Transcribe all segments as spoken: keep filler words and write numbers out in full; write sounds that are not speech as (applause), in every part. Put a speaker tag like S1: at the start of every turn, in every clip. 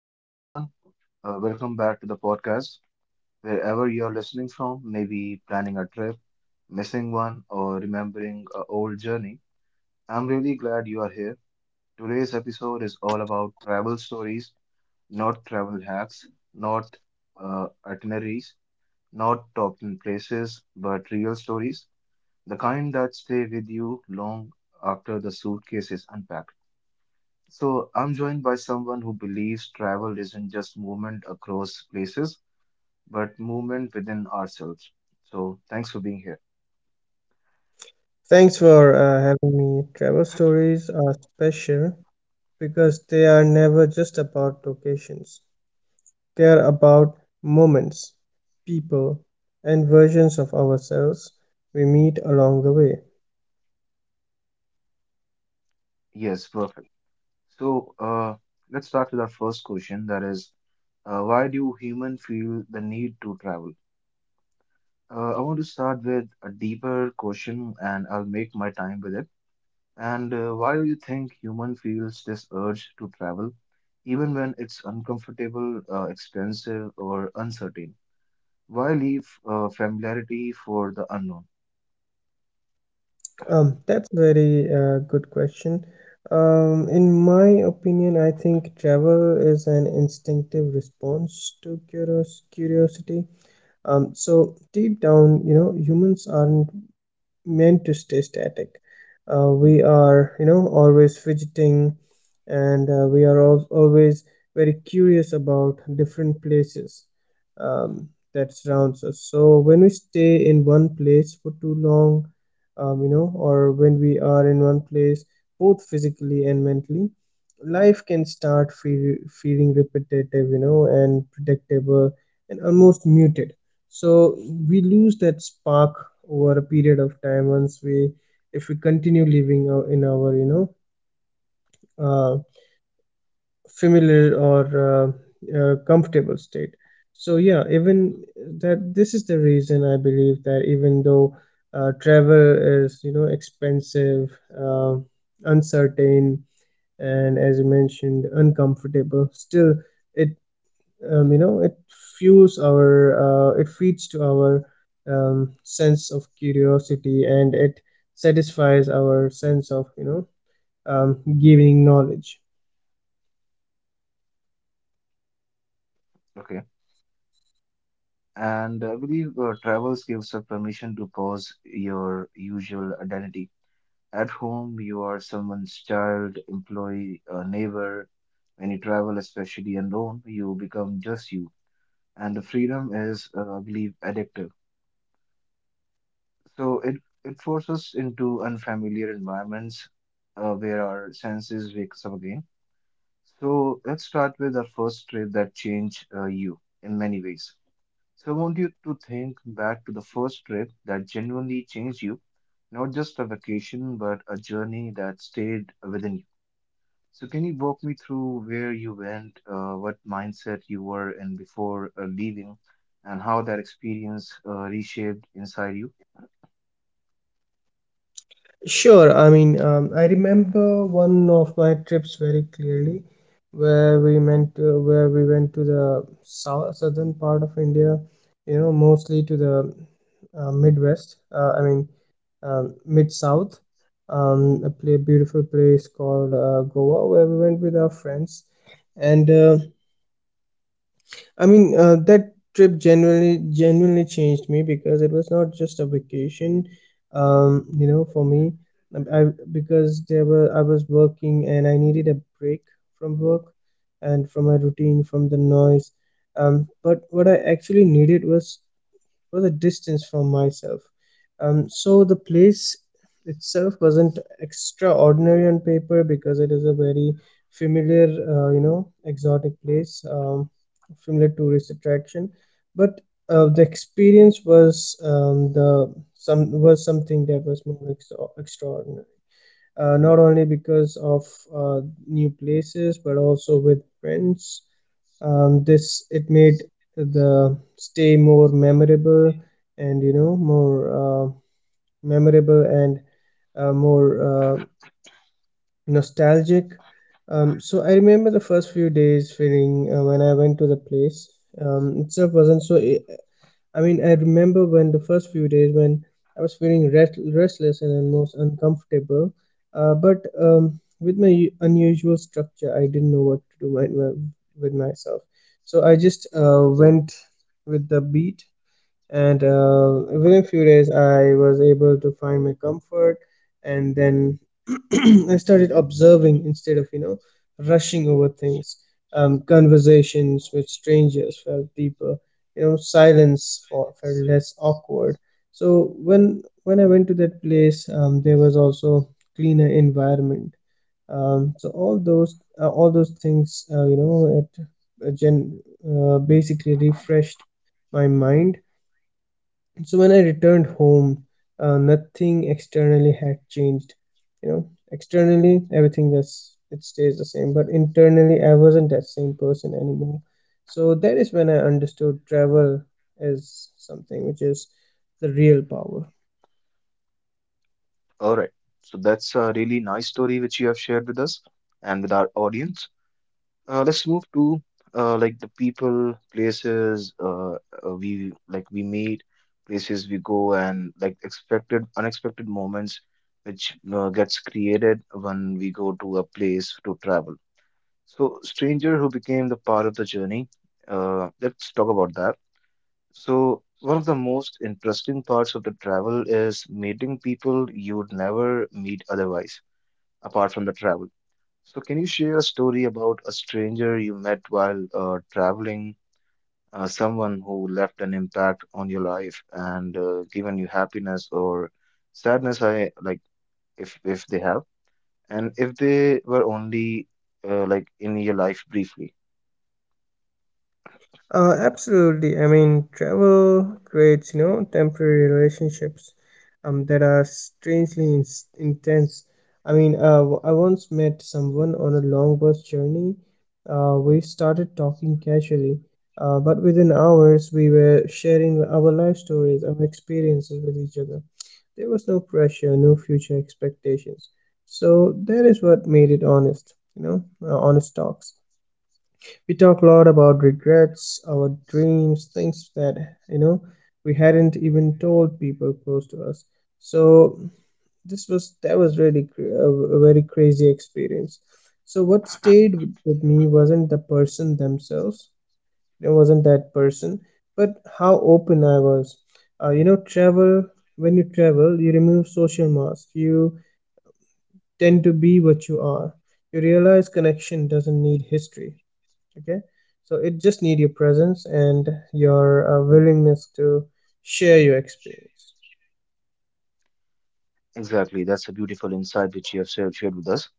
S1: So, hey everyone, uh, welcome back to the podcast. Wherever you're listening from, maybe planning a trip, missing one, or remembering an old journey, I'm really glad you are here. Today's episode is all about travel stories, not travel hacks, not uh, itineraries, not top ten places, but real stories, the kind that stay with you long after the suitcase is unpacked. So, I'm joined by someone who believes travel isn't just movement across places but movement within ourselves. So thanks for being here.
S2: Thanks for uh, having me. Travel stories are special because they are never just about locations, they are about moments, people, and versions of ourselves we meet along the way.
S1: Yes, perfect. So uh, let's start with our first question. That is, uh, why do humans feel the need to travel? Uh, I want to start with a deeper question, and I'll make my time with it. And uh, why do you think human feels this urge to travel, even when it's uncomfortable, uh, expensive, or uncertain? Why leave uh, familiarity for the unknown?
S2: Um, that's a very uh, good question. Um, in my opinion, I think travel is an instinctive response to curios- curiosity. Um, so deep down, you know, humans aren't meant to stay static. Uh, we are, you know, always fidgeting and uh, we are al- always very curious about different places um, that surrounds us. So when we stay in one place for too long, um, you know, or when we are in one place both physically and mentally, life can start feel, feeling repetitive, you know, and predictable and almost muted, so we lose that spark over a period of time once we, if we continue living ou- in our, you know, uh, familiar or uh, uh, comfortable state. So yeah, even that, this is the reason I believe that even though uh, travel is, you know, expensive, uh, uncertain, and as you mentioned uncomfortable, still it, um, you know, it fuels our, uh, it feeds to our um, sense of curiosity, and it satisfies our sense of, you know, um, gaining knowledge.
S1: Okay. And I believe uh, travels gives a permission to pause your usual identity. At home, you are someone's child, employee, uh, neighbor. When you travel, especially alone, you become just you. And the freedom is, uh, I believe, addictive. So it, it forces into unfamiliar environments uh, where our senses wakes up again. So let's start with our first trip that changed uh, you in many ways. So I want you to think back to the first trip that genuinely changed you, not just a vacation, but a journey that stayed within you. So can you walk me through where you went, uh, what mindset you were in before uh, leaving, and how that experience uh, reshaped inside you?
S2: Sure, I mean, um, I remember one of my trips very clearly where we meant to, where we went to the south southern part of India, you know, mostly to the uh, midwest uh, I mean, um, mid south, um, a play, beautiful place called uh, Goa, where we went with our friends. And uh, I mean, uh, that trip genuinely genuinely changed me because it was not just a vacation. Um, you know, for me, I, I- because there were, I was working and I needed a break from work and from my routine, from the noise. Um, but what I actually needed was was a distance from myself. Um, so the place itself wasn't extraordinary on paper, because it is a very familiar, uh, you know, exotic place, um, familiar tourist attraction. But uh, the experience was, um, the some was something that was more extra- extraordinary. Uh, not only because of uh, new places, but also with friends. Um, this It made the stay more memorable, and, you know, more uh, memorable and uh, more uh, nostalgic. Um, so I remember the first few days feeling uh, when I went to the place um, itself wasn't so e- I mean, I remember when the first few days when I was feeling rest- restless and almost uncomfortable. Uh, but um, with my u- unusual structure, I didn't know what to do my, my, with myself. So I just uh, went with the beat, and uh, within few days I was able to find my comfort. And then (clears throat) I started observing instead of, you know, rushing over things. Um, conversations with strangers felt deeper, you know, silence felt, felt less awkward. So when when I went to that place, um, there was also cleaner environment. Um, so all those, uh, all those things, uh, you know, it uh, gen- uh, basically refreshed my mind. So when I returned home, uh, nothing externally had changed. You know, externally everything just, it stays the same, but internally I wasn't that same person anymore. So that is when I understood travel is something which is the real power.
S1: All right. So that's a really nice story which you have shared with us and with our audience. Uh, let's move to uh, like the people, places uh, uh, we like we meet, places we go, and like expected, unexpected moments which uh, gets created when we go to a place to travel. So, stranger who became the part of the journey. Uh, let's talk about that. So, one of the most interesting parts of the travel is meeting people you'd never meet otherwise, apart from the travel. So, can you share a story about a stranger you met while uh, traveling, uh, someone who left an impact on your life and uh, given you happiness or sadness? I like if if they have, and if they were only uh, like in your life briefly.
S2: Uh, absolutely. I mean, travel creates, you know, temporary relationships um, that are strangely in- intense. I mean, uh, w- I once met someone on a long bus journey. Uh, we started talking casually, uh, but within hours, we were sharing our life stories, our experiences with each other. There was no pressure, no future expectations. So that is what made it honest, you know, uh, honest talks. We talk a lot about regrets, our dreams, things that, you know, we hadn't even told people close to us. So this was that was really cr- a, a very crazy experience. So what stayed with with me wasn't the person themselves. It wasn't that person, but how open I was. Uh, you know, travel. When you travel, you remove social mask. You tend to be what you are. You realize connection doesn't need history. Okay, so it just need your presence and your uh, willingness to share your experience.
S1: Exactly, that's a beautiful insight which you have shared shared with us.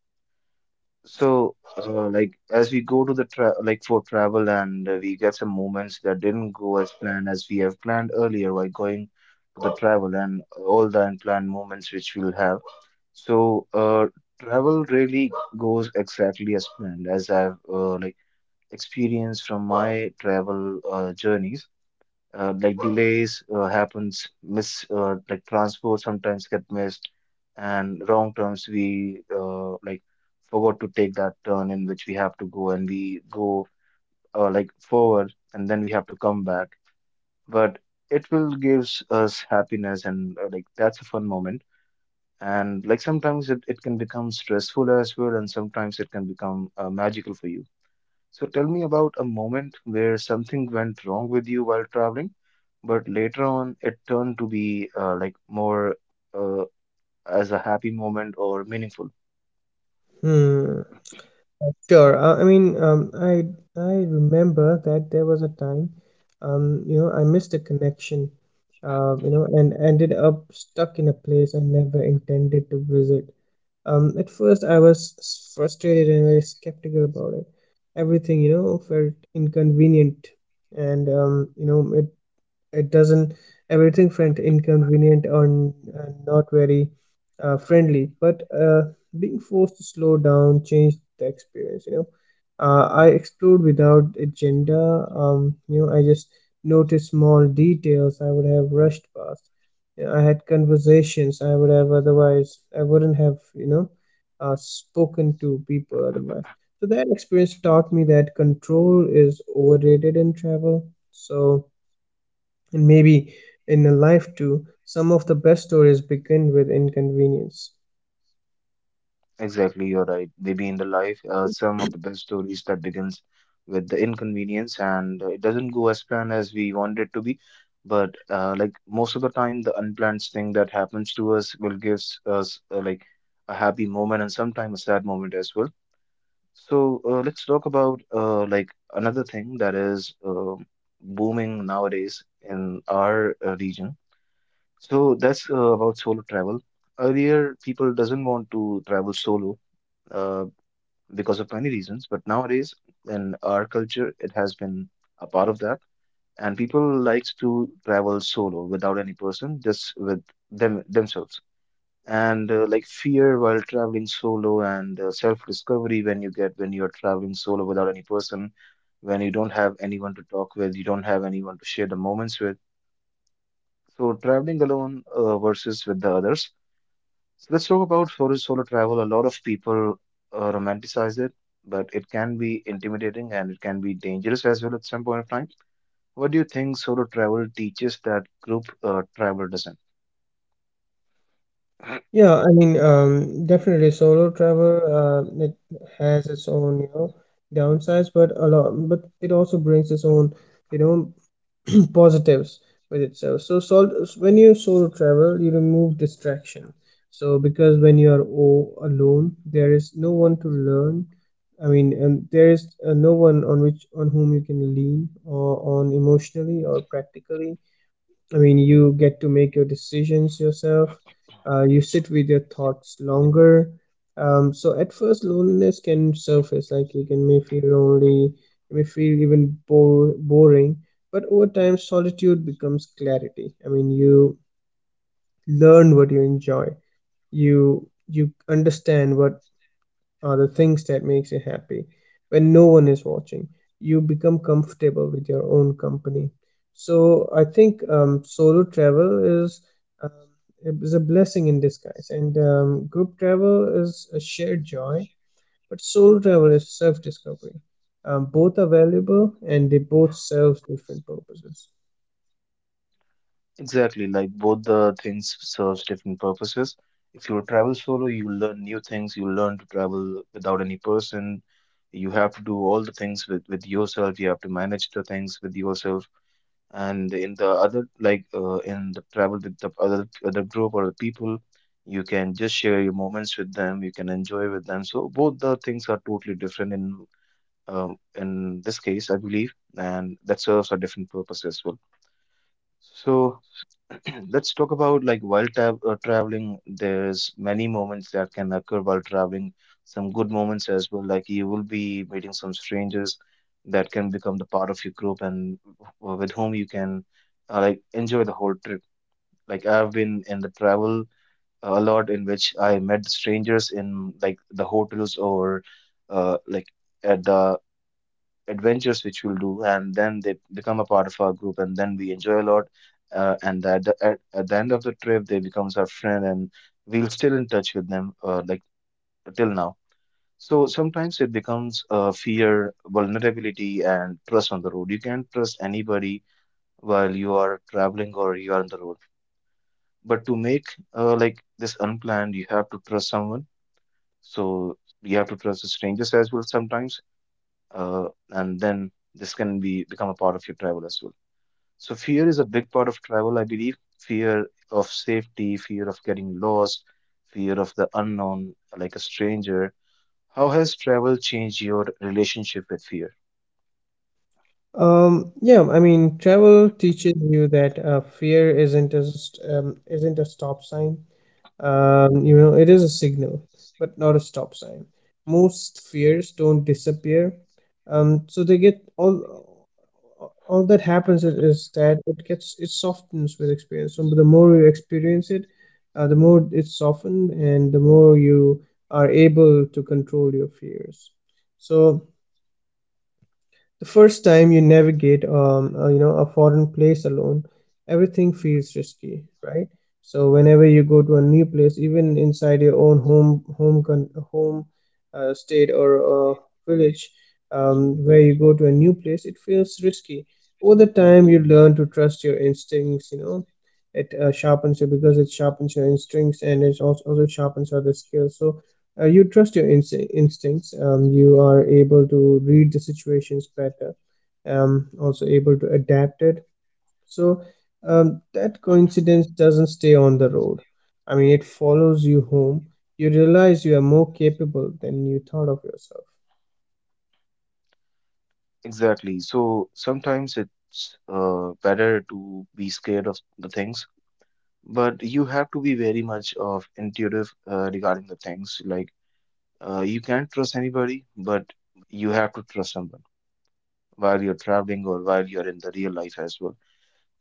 S1: So, uh, like as we go to the tra like for travel and uh, we get some moments that didn't go as planned as we have planned earlier while going to the travel and all the unplanned moments which we'll have. So, uh, travel really goes exactly as planned as I've uh, like experienced from my travel uh, journeys, uh, like delays uh, happens, miss uh, like transport sometimes get missed, and wrong turns, we uh, like forgot to take that turn in which we have to go and we go uh, like forward and then we have to come back. But it will gives us happiness and uh, like that's a fun moment, and like sometimes it, it can become stressful as well, and sometimes it can become uh, magical for you. So tell me about a moment where something went wrong with you while traveling, but later on, it turned to be uh, like more uh, as a happy moment or meaningful.
S2: Hmm. Sure, uh, I mean, um, i I remember that there was a time, um, you know, I missed a connection, uh, you know, and ended up stuck in a place I never intended to visit. Um, at first I was s- frustrated and very skeptical about it. Everything, you know, felt inconvenient, and um, you know, it doesn't, everything felt inconvenient and uh, not very uh, friendly. But uh, being forced to slow down changed the experience, you know. uh, I explored without agenda. Um, you know, I just noticed small details I would have rushed past. You know, I had conversations I would have otherwise, I wouldn't have, you know, uh, spoken to people otherwise. So that experience taught me that control is overrated in travel, so, and maybe in a life too, some of the best stories begin with inconvenience.
S1: Exactly, you're right. They be in the life. Uh, some of the best stories that begins with the inconvenience and uh, it doesn't go as planned as we want it to be. But uh, like most of the time, the unplanned thing that happens to us will give us uh, like a happy moment and sometimes a sad moment as well. So uh, let's talk about uh, like another thing that is um booming nowadays in our uh, region. So that's uh, about solo travel. Earlier, people doesn't want to travel solo uh, because of many reasons, but nowadays in our culture, it has been a part of that, and people likes to travel solo without any person, just with them themselves, and uh, like fear while traveling solo and uh, self-discovery when you get when you're traveling solo without any person, when you don't have anyone to talk with, you don't have anyone to share the moments with. So traveling alone uh, versus with the others. So let's talk about solo solo travel. A lot of people uh, romanticize it, but it can be intimidating and it can be dangerous as well at some point of time. What do you think solo travel teaches that group uh, travel doesn't?
S2: Yeah, I mean, um, definitely solo travel, uh, it has its own, you know, downsides, but a lot, but it also brings its own, you know, (clears throat) positives with itself. So sol- when you solo travel, you remove distraction. So because when you are o- alone, there is no one to learn, I mean, and there is uh, no one on which, on whom you can lean or on, emotionally or practically. I mean, you get to make your decisions yourself. Uh, you sit with your thoughts longer. Um, so at first, loneliness can surface, like you can, may feel lonely, you may feel even bore, boring. But over time, solitude becomes clarity. I mean, you learn what you enjoy. You you understand what are the things that makes you happy when no one is watching. You become comfortable with your own company. So I think, um, solo travel is, um, is a blessing in disguise, and um, group travel is a shared joy, but solo travel is self-discovery. Um, both are valuable and they both serve different purposes.
S1: Exactly, like both the things serves different purposes. If you travel solo, you learn new things, you learn to travel without any person. You have to do all the things with, with yourself, you have to manage the things with yourself. And in the other, like uh, in the travel with the other other group or the people, you can just share your moments with them, you can enjoy with them. So both the things are totally different in um in this case, I believe, and that serves a different purpose as well. So (clears throat) let's talk about like while tra uh, traveling, there's many moments that can occur while traveling. Some good moments as well, like you will be meeting some strangers that can become the part of your group and w- with whom you can uh, like enjoy the whole trip. Like I've been in the travel a lot in which I met strangers in like the hotels or uh, like at the adventures which we'll do, and then they become a part of our group and then we enjoy a lot, uh, and at the, at, at the end of the trip they becomes our friend, and we'll still in touch with them uh, like till now. So sometimes it becomes uh, fear, vulnerability and trust on the road. You can't trust anybody while you are traveling or you are on the road, but to make uh, like this unplanned you have to trust someone. So you have to trust the strangers as well sometimes, uh, and then this can be become a part of your travel as well. So fear is a big part of travel, I believe. Fear of safety, fear of getting lost, fear of the unknown, like a stranger. How has travel changed your relationship with fear?
S2: Um, yeah, I mean, travel teaches you that uh, fear isn't just, um, isn't a stop sign. Um, you know, it is a signal, but not a stop sign. Most fears don't disappear. Um, so they get all all that happens is, is that it gets, it softens with experience. So the more you experience it, uh, the more it's softened, and the more you are able to control your fears. So the first time you navigate um, uh, you know, a foreign place alone, everything feels risky, right? So whenever you go to a new place, even inside your own home home con- home uh, state or uh, village, um, where you go to a new place, it feels risky. Over the time, you learn to trust your instincts. You know, it uh, sharpens you because it sharpens your instincts, and it also, also sharpens other skills. So uh, you trust your inst- instincts, um, you are able to read the situations better, um, also able to adapt it. So um, that coincidence doesn't stay on the road, I mean it follows you home. You realize you are more capable than you thought of yourself.
S1: Exactly. So sometimes it's uh, better to be scared of the things, but you have to be very much of intuitive uh, regarding the things. Like uh, you can't trust anybody, but you have to trust somebody while you're traveling or while you're in the real life as well,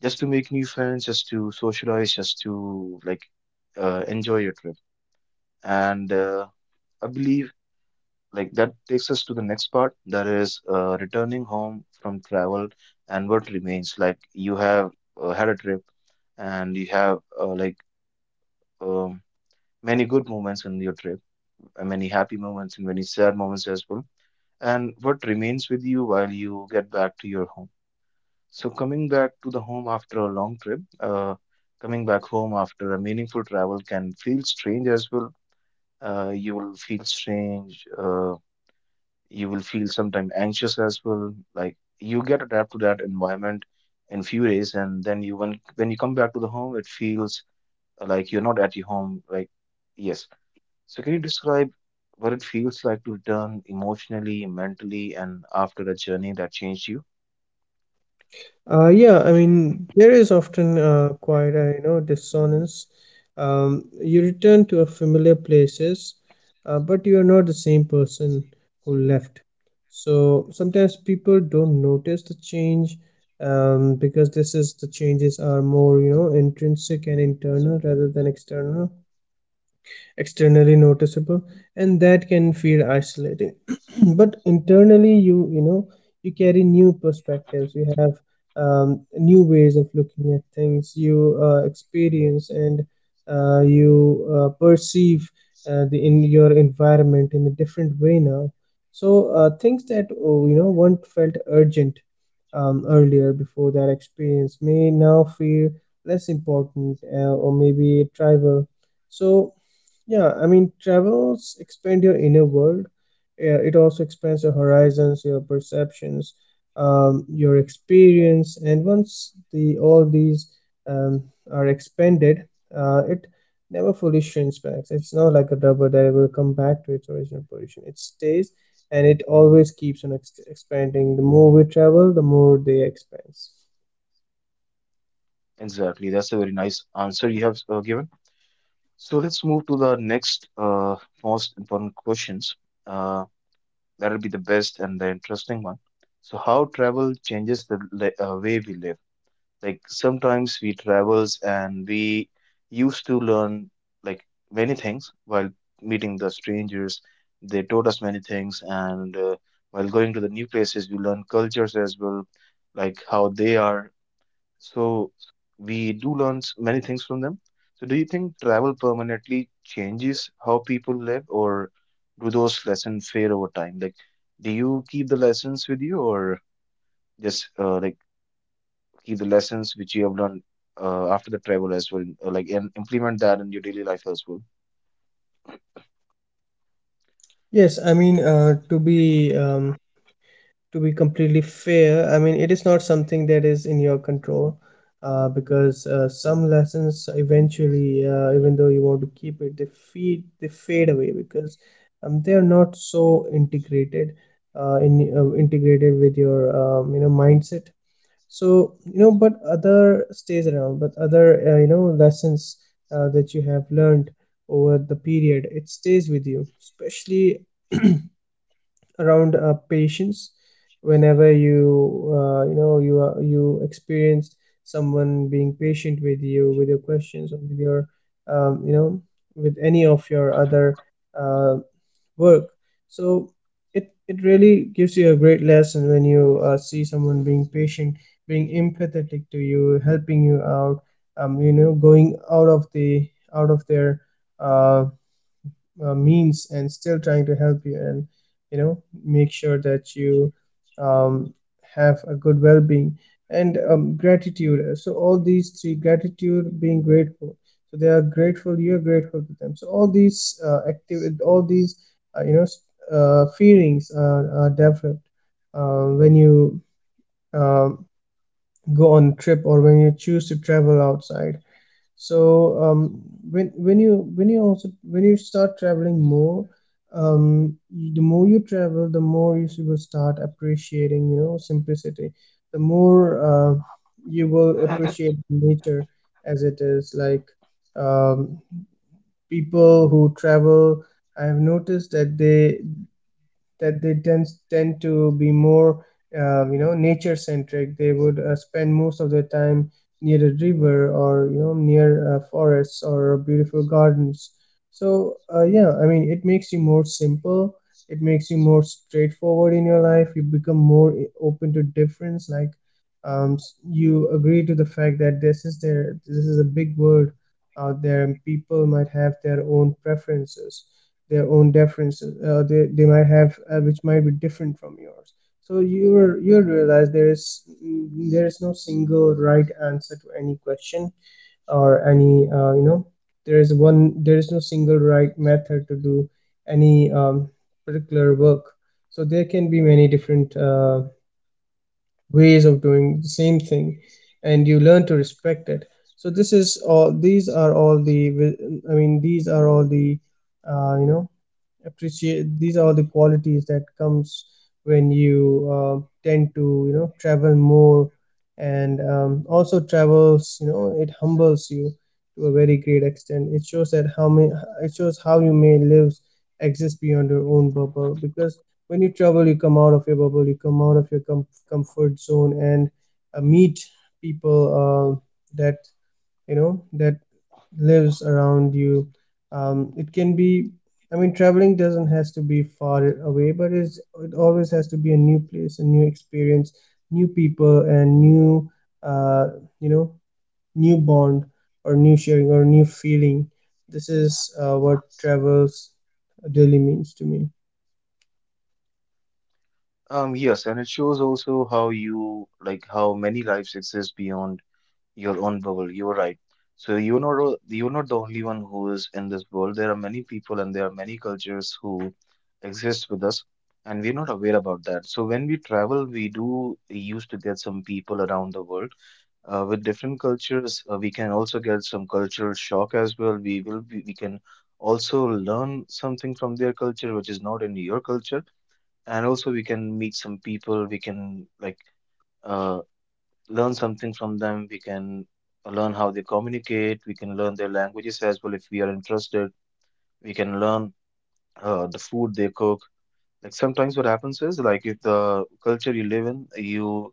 S1: just to make new friends, just to socialize, just to like uh, enjoy your trip. And uh, I believe like that takes us to the next part, that is uh, returning home from travel and what remains. Like you have uh, had a trip and you have uh, like um, many good moments in your trip, and many happy moments and many sad moments as well. And what remains with you while you get back to your home? So coming back to the home after a long trip, uh, coming back home after a meaningful travel can feel strange as well. Uh, you will feel strange. Uh, you will feel sometimes anxious as well. Like you get adapted to that environment in few days, and then you when when you come back to the home, it feels like you're not at your home. Like yes. So can you describe what it feels like to return emotionally, mentally, and after a journey that changed you?
S2: Uh, yeah, I mean, there is often uh, quite a, you know, dissonance. Um, you return to a familiar places, uh, but you are not the same person who left. So sometimes people don't notice the change, um, because this is the changes are more, you know, intrinsic and internal rather than external, externally noticeable, and that can feel isolating. (clears throat) But internally you, you know, you carry new perspectives, you have, um, new ways of looking at things. You uh, experience and uh, you uh, perceive uh, the, in your environment in a different way now. So uh, things that, oh, you know, once felt urgent um, earlier before that experience, may now feel less important, uh, or maybe trivial. So yeah, I mean, travels expand your inner world. Yeah, it also expands your horizons, your perceptions, um, your experience, and once the all these, um, are expanded, uh, it never fully shrinks back. It's not like a rubber that will come back to its original position. It stays, and it always keeps on ex- expanding. The more we travel, the more they expand.
S1: Exactly. That's a very nice answer you have uh, given. So let's move to the next uh, most important questions. Uh, that'll be the best and the interesting one. So how travel changes the li- uh, way we live. Like sometimes we travels and we used to learn like many things while meeting the strangers. They taught us many things, and uh, while going to the new places, we learn cultures as well, like how they are. So we do learn s- many things from them. So do you think travel permanently changes how people live, or do those lessons fade over time? Like, do you keep the lessons with you, or just uh, like keep the lessons which you have learned uh, after the travel as well, uh, like and implement that in your daily life as well?
S2: Yes, I mean, uh, to be, um, to be completely fair, I mean, it is not something that is in your control, uh, because uh, some lessons eventually, uh, even though you want to keep it, they feed, they fade away because um, they are not so integrated, uh, in uh, integrated with your, um, you know, mindset. So you know, but other stays around, but other uh, you know lessons uh, that you have learned over the period, it stays with you, especially around uh, patience whenever you uh, you know you are you experienced someone being patient with you, with your questions, or with your um, you know with any of your other uh, work. So it it really gives you a great lesson when you uh, see someone being patient, being empathetic to you, helping you out, um, you know going out of the out of their uh, uh, means and still trying to help you and you know make sure that you um, have a good well-being. And um, gratitude, so all these three: gratitude, being grateful, so they are grateful, you're grateful to them. So all these uh, active all these uh, you know uh, feelings are, are developed uh, when you um, go on trip or when you choose to travel outside. So um, when when you when you also when you start traveling more, um, y- the more you travel, the more you s- will start appreciating, you know, simplicity. The more uh, you will
S1: (clears throat)
S2: appreciate nature as it is. Like, um, people who travel, I have noticed that they that they tend tend to be more uh, you know nature centric. They would uh, spend most of their time near a river or, you know, near uh, forests or beautiful gardens. So uh, yeah, I mean, it makes you more simple, it makes you more straightforward in your life. You become more i- open to difference. Like, um, s- you agree to the fact that this is their this is a big world out there and people might have their own preferences, their own differences uh, they, they might have, uh, which might be different from yours. So you you realize there is mm, there is no single right answer to any question or any, uh, you know there is one there is no single right method to do any um, particular work. So there can be many different uh, ways of doing the same thing, and you learn to respect it. So this is all these are all the, I mean, these are all the uh, you know appreciate these are the qualities that comes when you uh, tend to, you know, travel more. And um, also travels, you know, it humbles you to a very great extent. It shows that how may it shows how you may live exist beyond your own bubble, because when you travel you come out of your bubble, you come out of your com- comfort zone and uh, meet people uh, that, you know, that lives around you. Um, it can be, I mean, traveling doesn't has to be far away, but it's, it always has to be a new place, a new experience, new people and new uh, you know new bond or new sharing or new feeling. This is uh, what travels really means to me.
S1: Um, yes, and it shows also how you like how many lives exist beyond your own bubble. You're right. So you're not o- you're not the only one who is in this world. There are many people and there are many cultures who exist with us, and we're not aware about that. So when we travel, we do used to get some people around the world uh, with different cultures. Uh, we can also get some cultural shock as well. We will be, we can also learn something from their culture which is not in your culture, and also we can meet some people. We can like. uh, learn something from them. We can learn how they communicate. We can learn their languages as well if we are interested. We can learn uh, the food they cook. Like sometimes what happens is like if the culture you live in, you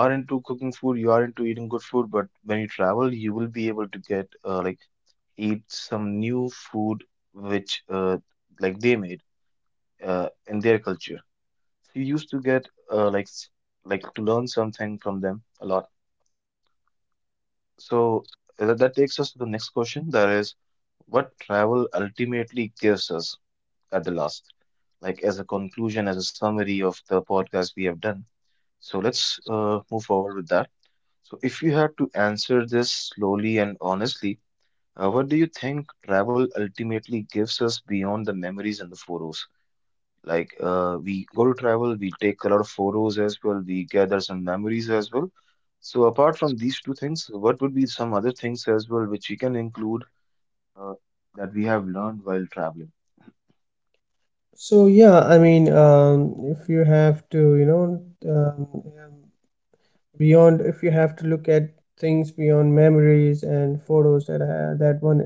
S1: are into cooking food, you are into eating good food, but when you travel, you will be able to get uh, like eat some new food which uh, like they made uh, in their culture. So you used to get uh, like s- like to learn something from them a lot. So uh, that takes us to the next question. That is, what travel ultimately gives us at the last, like as a conclusion, as a summary of the podcast we have done. So let's uh, move forward with that. So if you had to answer this slowly and honestly, uh, what do you think travel ultimately gives us beyond the memories and the photos? Like uh, we go to travel, we take a lot of photos as well, we gather some memories as well. So apart from these two things, what would be some other things as well which we can include uh, that we have learned while traveling?
S2: So yeah, I mean, um, if you have to, you know, um, beyond if you have to look at things beyond memories and photos that uh, that one,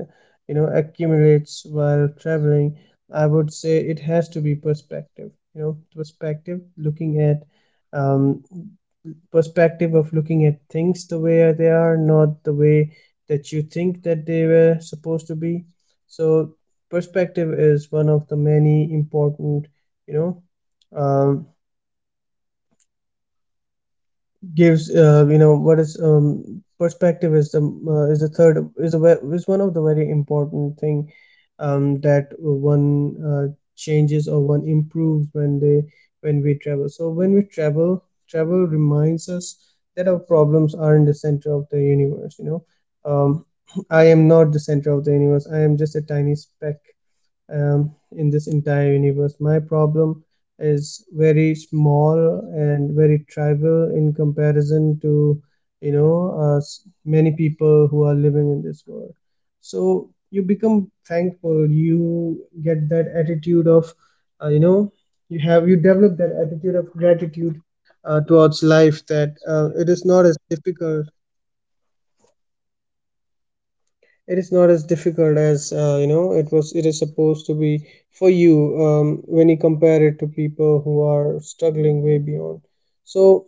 S2: you know, accumulates while traveling, I would say it has to be perspective. You know, perspective, looking at, um, perspective of looking at things the way they are, not the way that you think that they were supposed to be. So perspective is one of the many important, you know, um, gives uh, you know what is um, perspective is the uh, is the third is the ve- is one of the very important thing um, that one uh, changes, or one improves when they when we travel. So when we travel, travel reminds us that our problems aren't the center of the universe, you know. um, (clears throat) I am not the center of the universe, I am just a tiny speck um, in this entire universe. My problem is very small and very trivial in comparison to, you know, uh, s- many people who are living in this world. So you become thankful. You get that attitude of, uh, you know, you have you develop that attitude of gratitude uh, towards life, that uh, it is not as difficult, it is not as difficult as, uh, you know it was it is supposed to be for you, um, when you compare it to people who are struggling way beyond. So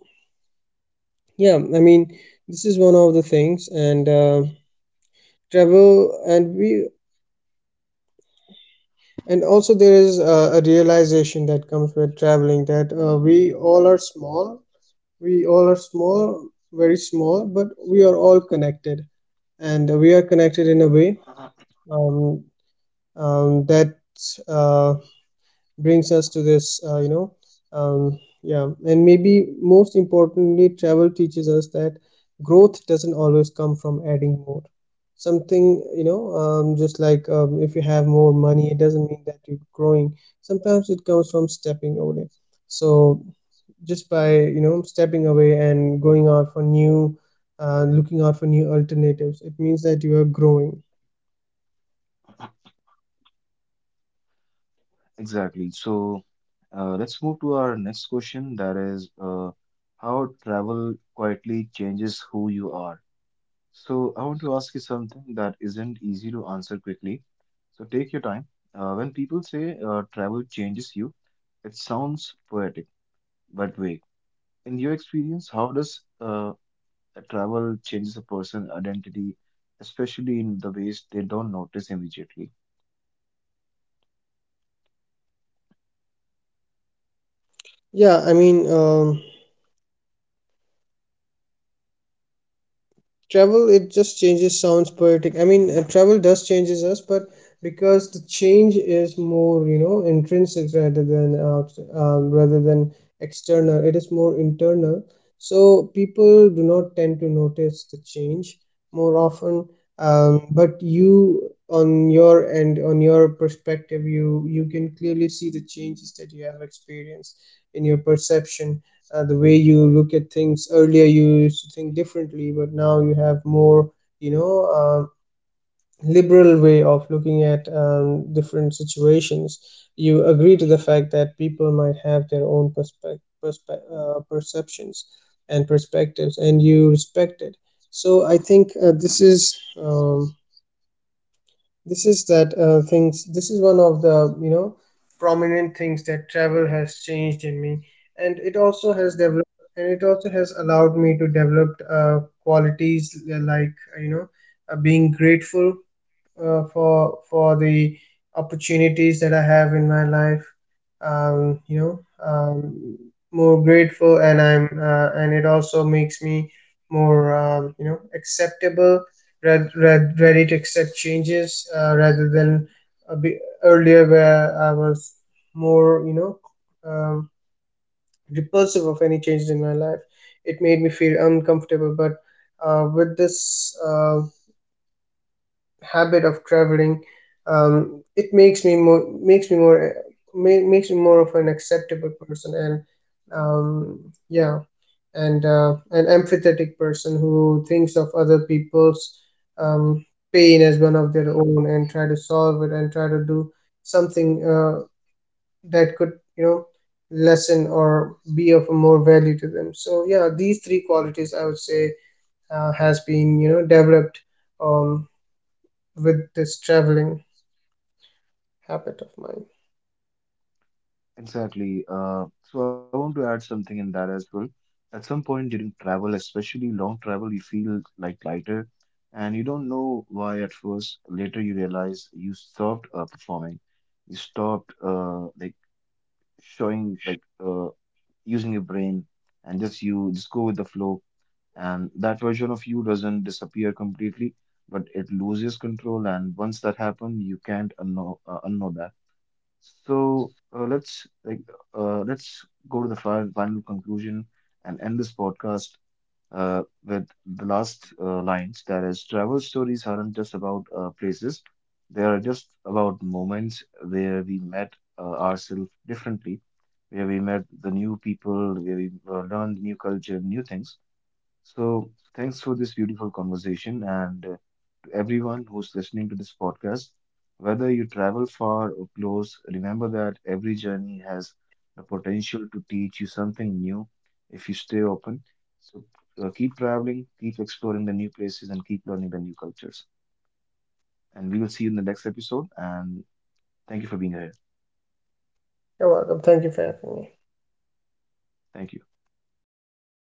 S2: yeah, I mean, this is one of the things. And uh, travel and we and also there is uh, a realization that comes with traveling, that uh, we all are small, we all are small very small, but we are all connected, and we are connected in a way
S1: (clears throat)
S2: um, um, that Uh. brings us to this, uh, you know um, yeah. And maybe most importantly, travel teaches us that growth doesn't always come from adding more something, you know. Um, just like, um, if you have more money, it doesn't mean that you're growing. Sometimes it comes from stepping away. So just by, you know, stepping away and going out for new uh, looking out for new alternatives, it means that you are growing.
S1: Exactly. So uh, let's move to our next question. That is, uh, how travel quietly changes who you are. So I want to ask you something that isn't easy to answer quickly. So take your time. Uh, when people say uh, travel changes you, it sounds poetic but vague. In your experience, how does uh, a travel changes a person's identity, especially in the ways they don't notice immediately?
S2: Yeah, I mean, um, travel it just changes sounds poetic. I mean, uh, travel does changes us, but because the change is more, you know, intrinsic rather than out, um, rather than external, it is more internal. So people do not tend to notice the change more often. Um, but you, on your end, on your perspective, you you can clearly see the changes that you have experienced in your perception. Uh, the way you look at things, earlier you used to think differently, but now you have more, you know, um liberal way of looking at um, different situations. You agree to the fact that people might have their own perspe- perspe- uh, perceptions and perspectives, and you respect it. So I think uh, this is um, this is that uh, things this is one of the, you know, prominent things that travel has changed in me. And it also has developed, and it also has allowed me to develop uh, qualities like, uh, like, you know, uh, being grateful uh, for for the opportunities that I have in my life. Um, you know, um, More grateful, and I'm uh, and it also makes me more, um, you know acceptable, read, read, ready to accept changes uh, rather than a bit earlier, where I was more, you know, um, repulsive of any changes in my life. It made me feel uncomfortable, but uh, with this. Uh, habit of traveling, um, it makes me more, makes me more ma- makes me more of an acceptable person. And um, yeah and uh, an empathetic person who thinks of other people's um, pain as one of their own, and try to solve it and try to do something uh, that could, you know, lessen or be of more value to them. So yeah, these three qualities, I would say, uh, has been, you know, developed um, with this traveling habit of mine.
S1: Exactly. Uh, so I want to add something in that as well. At some point during travel, especially long travel, you feel like lighter and you don't know why at first. Later you realize you stopped uh, performing. You stopped uh, like showing like uh, using your brain and just you just go with the flow. And that version of you doesn't disappear completely, but it loses control. And once that happens, you can't unknow uh, unknow that. So uh, let's like uh, let's go to the final, final conclusion and end this podcast uh, with the last uh, lines. That is, travel stories aren't just about uh, places; they are just about moments where we met uh, ourselves differently, where we met the new people, where we uh, learned new culture, new things. So thanks for this beautiful conversation and. uh, everyone who's listening to this podcast. Whether you travel far or close, remember that every journey has the potential to teach you something new if you stay open. So uh, keep traveling, keep exploring the new places, and keep learning the new cultures. And we will see you in the next episode. And thank you for being here.
S2: You're welcome. Thank you for having me.
S1: Thank you.